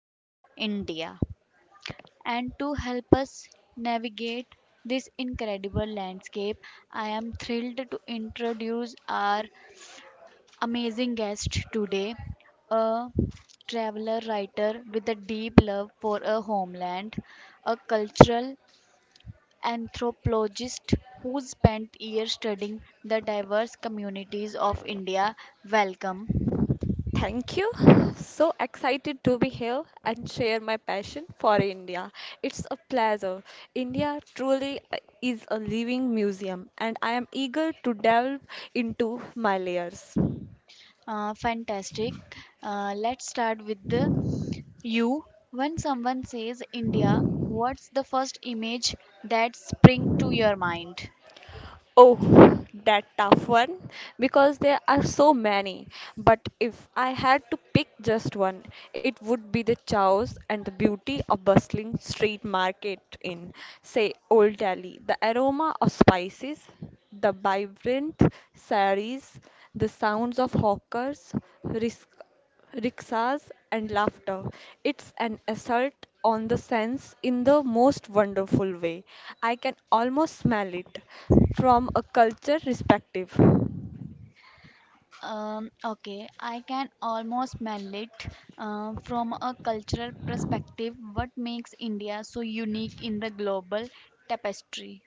beauty, India. And to help us navigate this incredible landscape, I am thrilled to introduce our amazing guest today, a traveler writer with a deep love for a homeland, a cultural anthropologist who spent years studying the diverse communities of India. Welcome. Thank you. So excited to be here and share my passion for India. It's a pleasure. India truly is a living museum, and I am eager to delve into my layers. Fantastic. Let's start with the you. When someone says India, what's the first image that spring to your mind? Oh, that tough one because there are so many. But if I had to pick just one, it would be the chows and the beauty of bustling street market in, say, Old Delhi. The aroma of spices, the vibrant saris, the sounds of hawkers, rickshaws, and laughter. It's an assault on the sense in the most wonderful way. I can almost smell it from a culture perspective. Okay, I can almost smell it. From a cultural perspective, what makes India so unique in the global tapestry?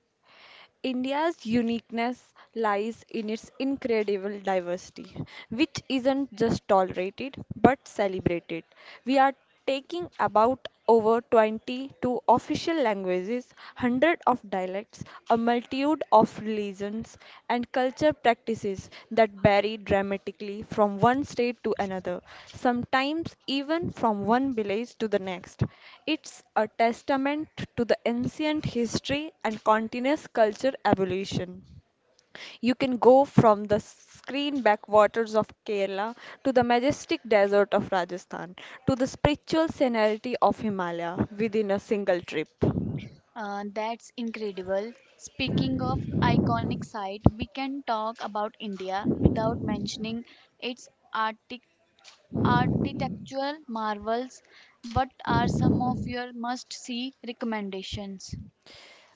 India's uniqueness lies in its incredible diversity, which isn't just tolerated but celebrated. We are taking about over 22 official languages, hundreds of dialects, a multitude of religions and culture practices that vary dramatically from one state to another, sometimes even from one village to the next. It's a testament to the ancient history and continuous culture evolution. You can go from the screen backwaters of Kerala to the majestic desert of Rajasthan to the spiritual scenery of Himalaya within a single trip. That's incredible. Speaking of iconic site, we can talk about India without mentioning its artistic, architectural marvels. What are some of your must see recommendations?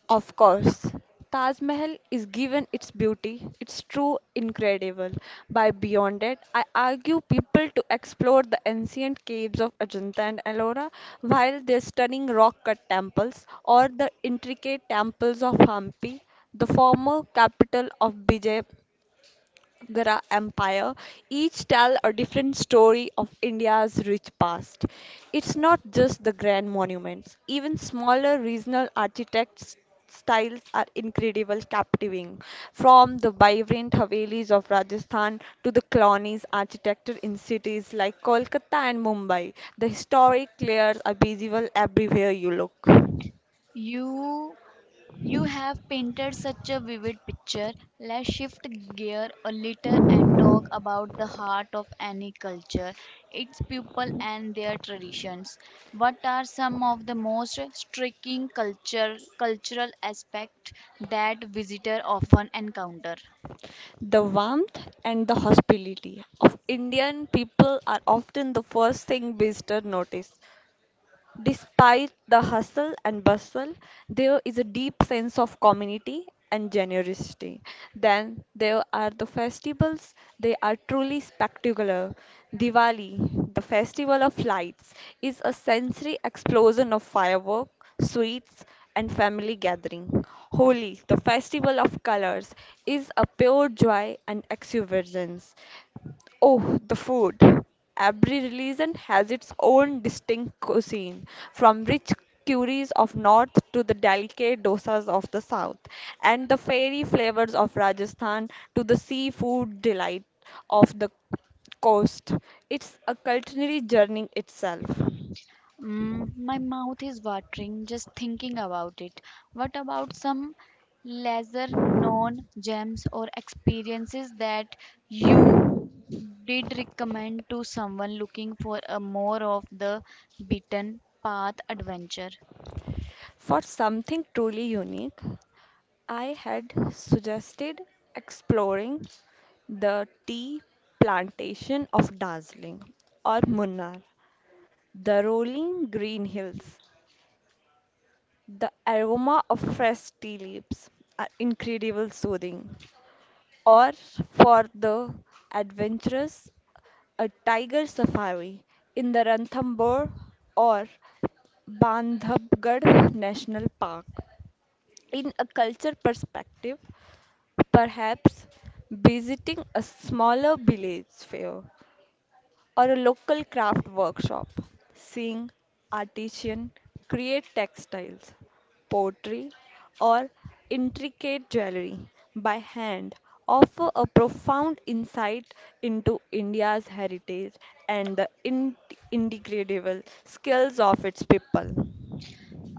Of course, Taj Mahal is given its beauty, its true incredible. By beyond it, I argue people to explore the ancient caves of Ajanta and Ellora, while their stunning rock-cut temples or the intricate temples of Hampi, the former capital of Vijay Agra Empire each tell a different story of India's rich past. It's not just the grand monuments, even smaller regional architects styles are incredible captivating from the vibrant havelis of Rajasthan to the colonies architecture in cities like Kolkata and Mumbai, the historic layers are visible everywhere you look. You you have painted such a vivid picture. Let's shift gear a little and talk about the heart of any culture, its people and their traditions. What are some of the most striking culture cultural aspect that visitor often encounter? The warmth and the hospitality of Indian people are often the first thing visitors notice. Despite the hustle and bustle, there is a deep sense of community and generosity. Then there are the festivals, they are truly spectacular. Diwali, the festival of lights, is a sensory explosion of fireworks, sweets, and family gathering. Holi, the festival of colors, is a pure joy and exuberance. Oh, the food. Every religion has its own distinct cuisine, from rich curries of north to the delicate dosas of the south, and the fairy flavors of Rajasthan to the seafood delight of the coast. It's a culinary journey itself. My mouth is watering just thinking about it. What about some lesser known gems or experiences that you did recommend to someone looking for a more of the beaten path adventure? For something truly unique, I had suggested exploring the tea plantation of Darjeeling or Munnar. The rolling green hills, the aroma of fresh tea leaves are incredible soothing. Or for the adventurous, a tiger safari in the Ranthambore or Bandhavgarh National Park. In a culture perspective, perhaps visiting a smaller village fair or a local craft workshop, seeing artisan create textiles, pottery, or intricate jewelry by hand offer a profound insight into India's heritage and the indegradible skills of its people.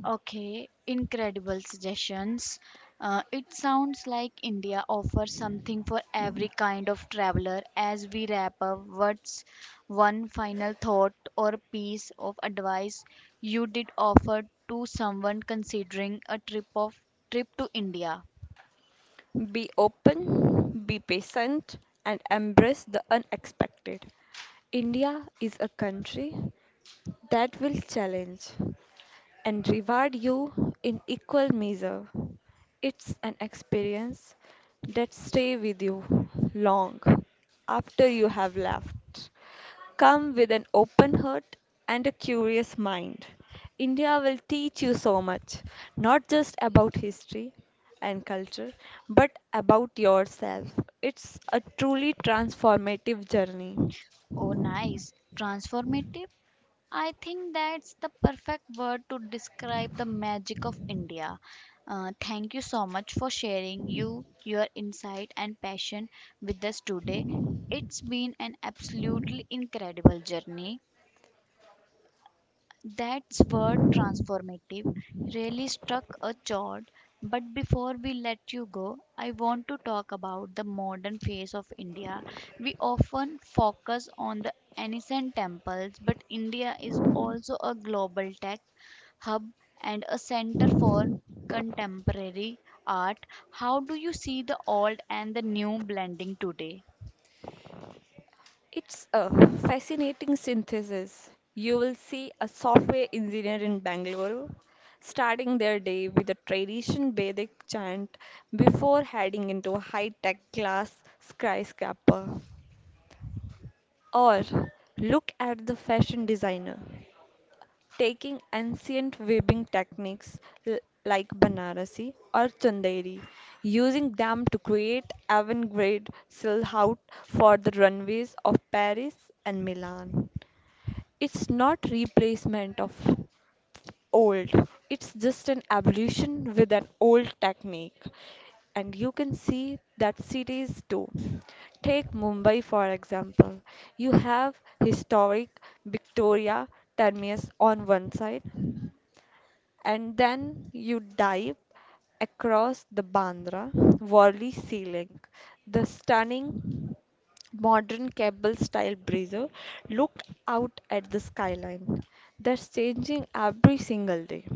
Okay, incredible suggestions. It sounds like India offers something for every kind of traveler. As we wrap up, what's one final thought or piece of advice you did offer to someone considering a trip to India? Be open, be patient, and embrace the unexpected. India is a country that will challenge and reward you in equal measure. It's an experience that stay with you long after you have left. Come with an open heart and a curious mind. India will teach you so much, not just about history and culture, but about yourself. It's a truly transformative journey. Oh, nice, transformative. I think that's the perfect word to describe the magic of India. Thank you so much for sharing your insight and passion with us today. It's been an absolutely incredible journey. That's word transformative really struck a chord. But before we let you go, I want to talk about the modern face of India. We often focus on the ancient temples, but India is also a global tech hub and a center for contemporary art. How do you see the old and the new blending today? It's a fascinating synthesis. You will see a software engineer in Bangalore starting their day with a tradition Vedic chant before heading into a high-tech glass skyscraper. Or look at the fashion designer taking ancient weaving techniques l- like Banarasi or Chanderi, using them to create avant-garde silhouette for the runways of Paris and Milan. It's not replacement of old. It's just an evolution with an old technique. And you can see that cities do. Take Mumbai for example. You have historic Victoria Terminus on one side, and then you dive across the Bandra Worli Sea Link, the stunning modern cable style breezer looked out at the skyline that's changing every single day.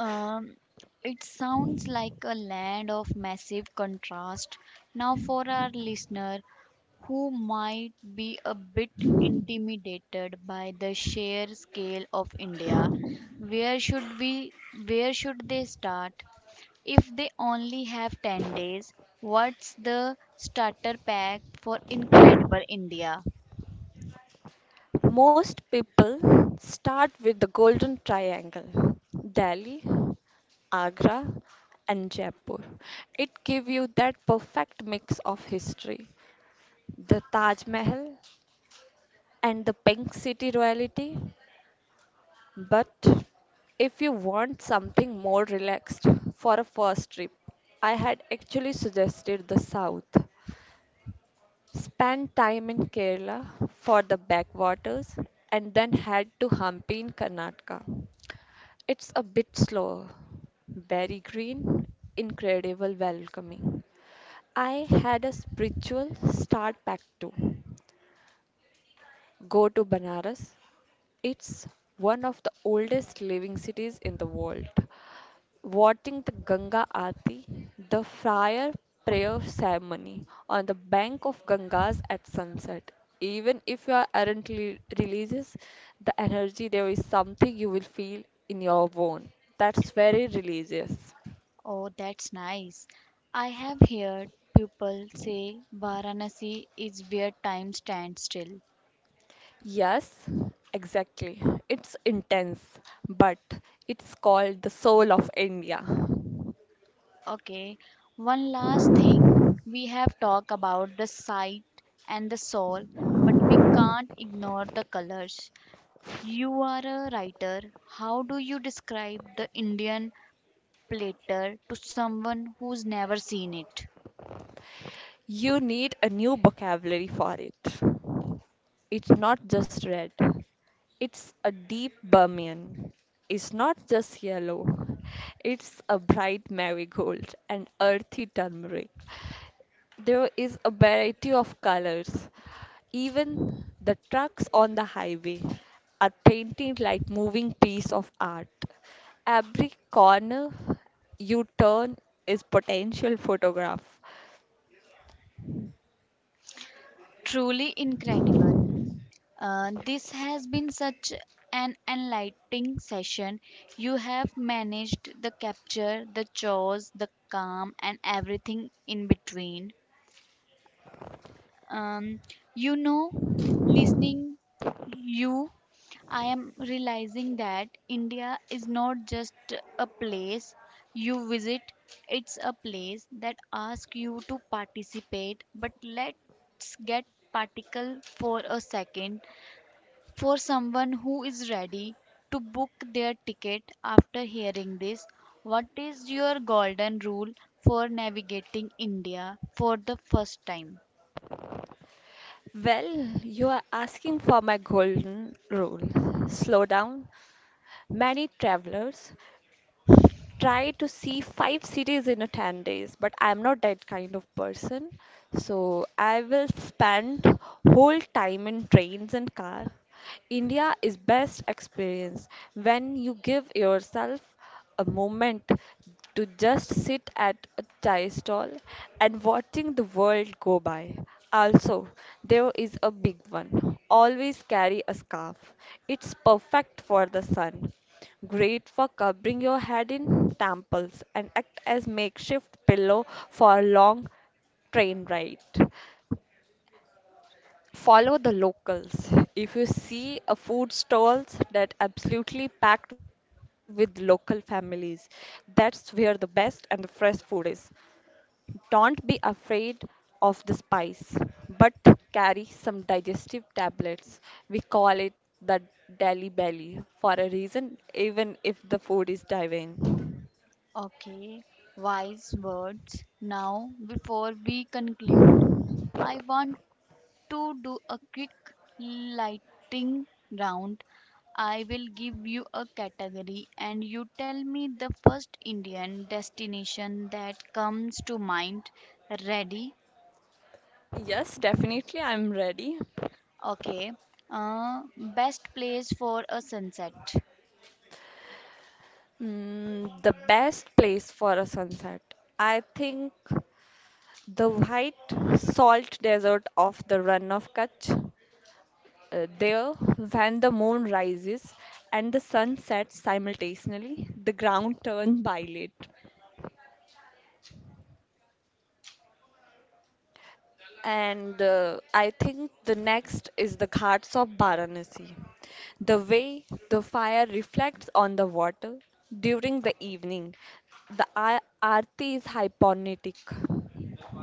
Um, it sounds like a land of massive contrast. Now, for our listener who might be a bit intimidated by the sheer scale of India, where should we, where should they start? If they only have 10 days, what's the starter pack for Incredible India? Most people start with the Golden Triangle Delhi, Agra, and Jaipur. It gives you that perfect mix of history, the Taj Mahal, and the pink city royalty. But if you want something more relaxed for a first trip, I had actually suggested the south. Spend time in Kerala for the backwaters and then head to Hampi in Karnataka. It's a bit slower, very green, incredible welcoming. I had a spiritual start pack too. Go to Banaras. It's one of the oldest living cities in the world, watching the Ganga Aarti, the fire prayer ceremony on the bank of Gangas at sunset. Even if you aren't religious, the energy there is something you will feel in your bone. That's very religious. Oh, that's nice. I have heard people say Varanasi is where time stands still. Yes, exactly. It's intense, but it's called the soul of India. Okay, one last thing. We have talked about the sight and the soul, but we can't ignore the colors. You are a writer. How do you describe the Indian platter to someone who's never seen it? You need a new vocabulary for it. It's not just red. It's a deep Burmian. It's not just yellow, it's a bright marigold and earthy turmeric. There is a variety of colors. Even the trucks on the highway are painted like moving piece of art. Every corner you turn is potential photograph. Truly incredible. This has been such an enlightening session. You have managed the capture, the chores, the calm, and everything in between. Um, you know, listening you, I am realizing that India is not just a place you visit, it's a place that asks you to participate. But let's get particle for a second, for someone who is ready to book their ticket after hearing this, what is your golden rule for navigating India for the first time? Well, you are asking for my golden rule. Slow down. Many travelers try to see five cities in a 10 days, but I'm not that kind of person, so I will spend whole time in trains and car. India is best experience when you give yourself a moment to just sit at a chai stall and watching the world go by. Also, there is a big one. Always carry a scarf. It's perfect for the sun. Great for covering your head in temples and act as makeshift pillow for a long train ride. Follow the locals. If you see a food stalls that absolutely packed with local families, that's where the best and the fresh food is. Don't be afraid of the spice, but carry some digestive tablets. We call it the Delhi belly for a reason, even if the food is divine. Okay, wise words. Now, before we conclude, I want to do a quick lighting round. I will give you a category and you tell me the first Indian destination that comes to mind. Ready? Yes, definitely, I'm ready. Okay. Uh, best place for a sunset. The best place for a sunset. I think the white salt desert of the Run of Kutch. There, when the moon rises and the sun sets simultaneously, the ground turns violet. And I think the next is the Ghats of Varanasi. The way the fire reflects on the water during the evening, the aarti is hypnotic.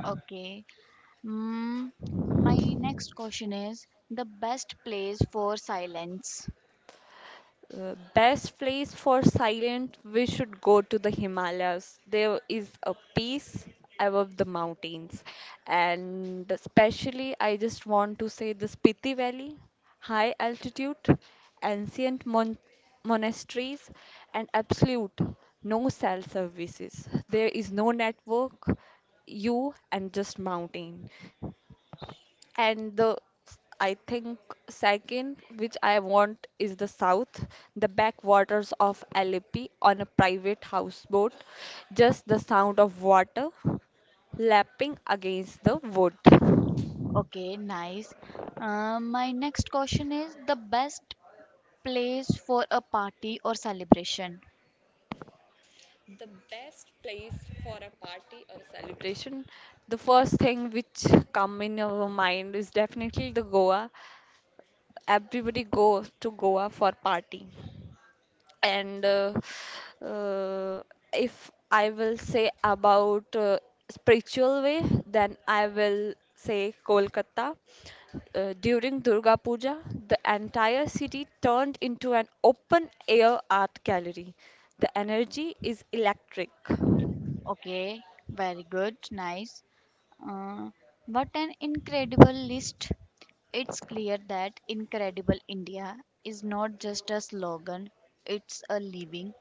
Okay. Mm, my next question is the best place for silence. Best place for silent, we should go to the Himalayas. There is a peace above the mountains, and especially, I just want to say the Spiti Valley, high altitude, ancient monasteries, and absolute no cell services. There is no network, you and just mountain. And the I think second, which I want, is the south, the backwaters of Alepi on a private houseboat. Just the sound of water lapping against the wood. The Okay, nice. My next question is the best place for a party or celebration. best place for a party or a celebration. The first thing which come in our mind is definitely the Goa. Everybody goes to Goa for party. And uh, if I will say about spiritual way, then I will say Kolkata. During Durga Puja, the entire city turned into an open air art gallery. The energy is electric. Okay, very good, nice. Uh, what an incredible list! It's clear that Incredible India is not just a slogan, it's a living,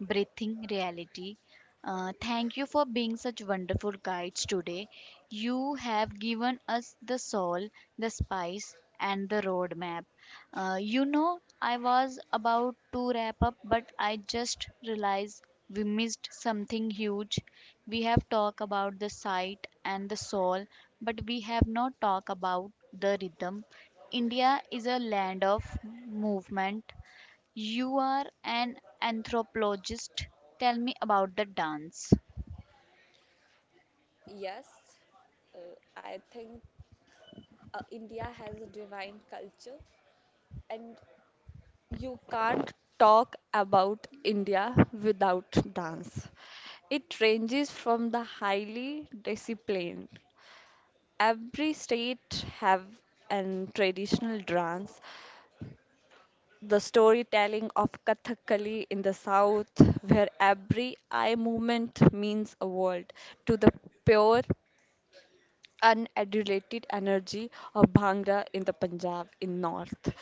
breathing reality. Thank you for being such wonderful guides today. You have given us the soul, the spice, and the roadmap. You know, I was about to wrap up, but I just realized we missed something huge. We have talked about the sight and the soul, but we have not talked about the rhythm. India is a land of movement. You are an anthropologist. Tell me about the dance. Yes, uh, I think India has a divine culture, and you can't talk about India without dance. It ranges from the highly disciplined. Every state have an traditional dance. The storytelling of Kathakali in the south, where every eye movement means a world, to the pure, unadulated energy of Bhangra in the Punjab in north.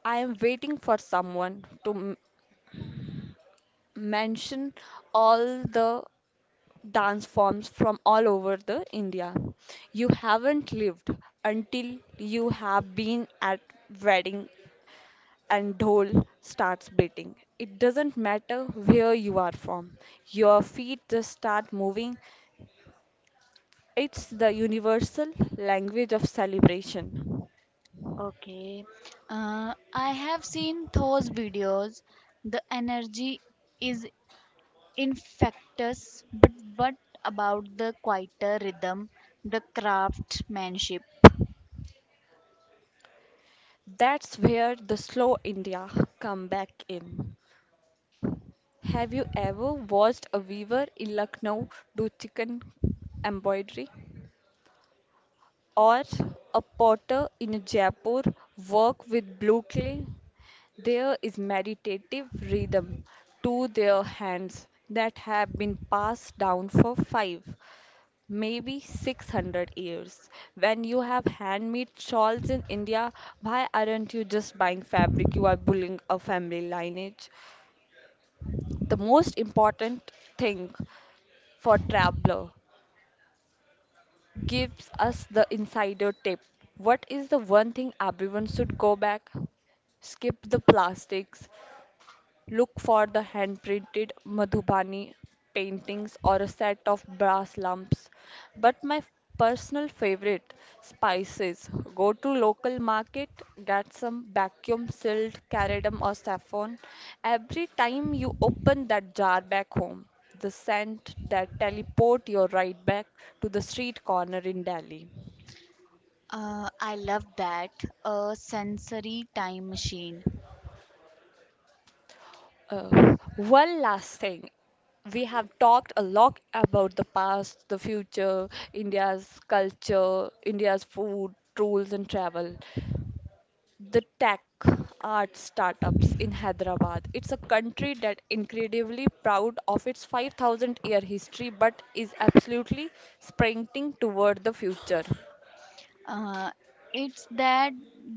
I am waiting for someone to mention all the dance forms from all over the India. You haven't lived until you have been at wedding and dhol starts beating. It doesn't matter where you are from. Your feet just start moving. It's the universal language of celebration. Okay. I have seen those videos. The energy is infectious. But what about the quieter rhythm, the craftsmanship? That's where the slow India come back in. Have you ever watched a weaver in Lucknow do chicken embroidery? Or a potter in Jaipur work with blue clay? There is meditative rhythm to their hands that have been passed down for five, maybe 600 years. When you have handmade shawls in India, why aren't you just buying fabric? You are bullying a family lineage. The most important thing for traveler gives us the insider tip. What is the one thing everyone should go back? Skip the plastics, look for the hand-printed Madhubani paintings or a set of brass lamps. But my personal favorite, spices. Go to local market, get some vacuum sealed cardamom or saffron. Every time you open that jar back home, the scent that teleport you right back to the street corner in Delhi. I love that. A sensory time machine. One last thing. We have talked a lot about the past, the future, India's culture, India's food, rules, and travel. The tech, art startups in Hyderabad. It's a country that incredibly proud of its 5,000 year history, but is absolutely sprinting toward the future. Uh, it's that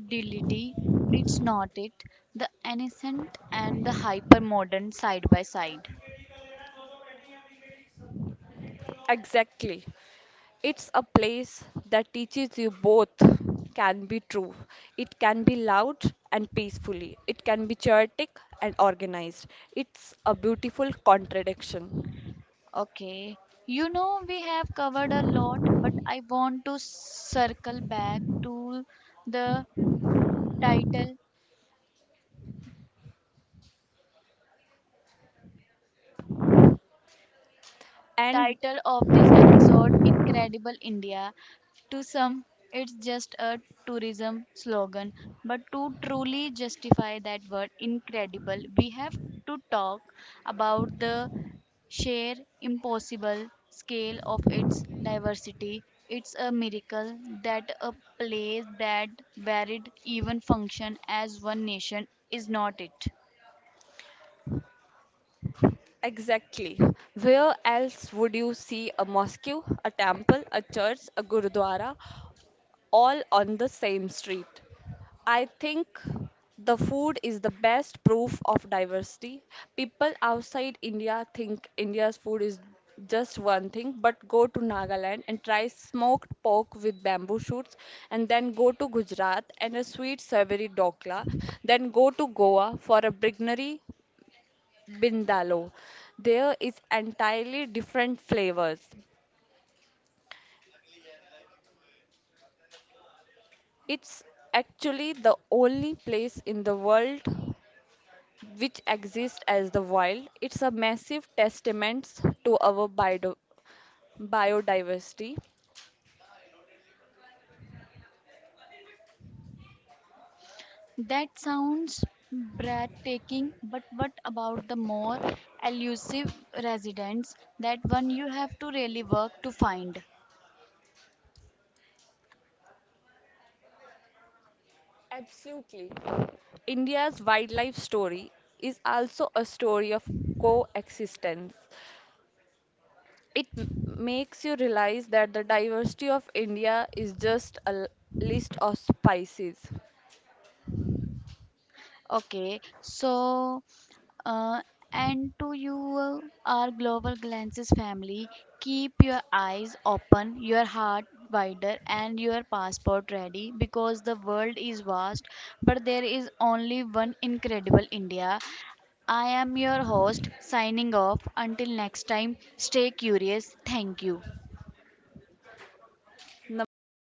delity. It's not it. The innocent and the hyper modern side by side. Exactly. It's a place that teaches you both can be true. It can be loud and peacefully. It can be chaotic and organized. It's a beautiful contradiction. Okay. You know, we have covered a lot, but I want to circle back to the title And title of this episode, Incredible India. To some, it's just a tourism slogan, but to truly justify that word incredible, we have to talk about the sheer impossible scale of its diversity. It's a miracle that a place that varied even function as one nation is not it. exactly, where else would you see a mosque, a temple, a church, a gurudwara all on the same street? I think the food is the best proof of diversity. People outside India think India's food is just one thing, but go to Nagaland and try smoked pork with bamboo shoots, and then go to Gujarat and a sweet savory dokla, then go to Goa for a brignery bindalo. There is entirely different flavors. It's actually the only place in the world which exist as the wild. It's a massive testament to our biodiversity. That sounds breathtaking, but what about the more elusive residents, that one you have to really work to find? Absolutely. India's wildlife story is also a story of coexistence. It makes you realize that the diversity of India is just a list of species. Okay, so uh, and to you, our Global Glances family, keep your eyes open, your heart wider, and your passport ready because the world is vast, but there is only one incredible India. I am your host, signing off. Until next time, stay curious. Thank you. Namaste.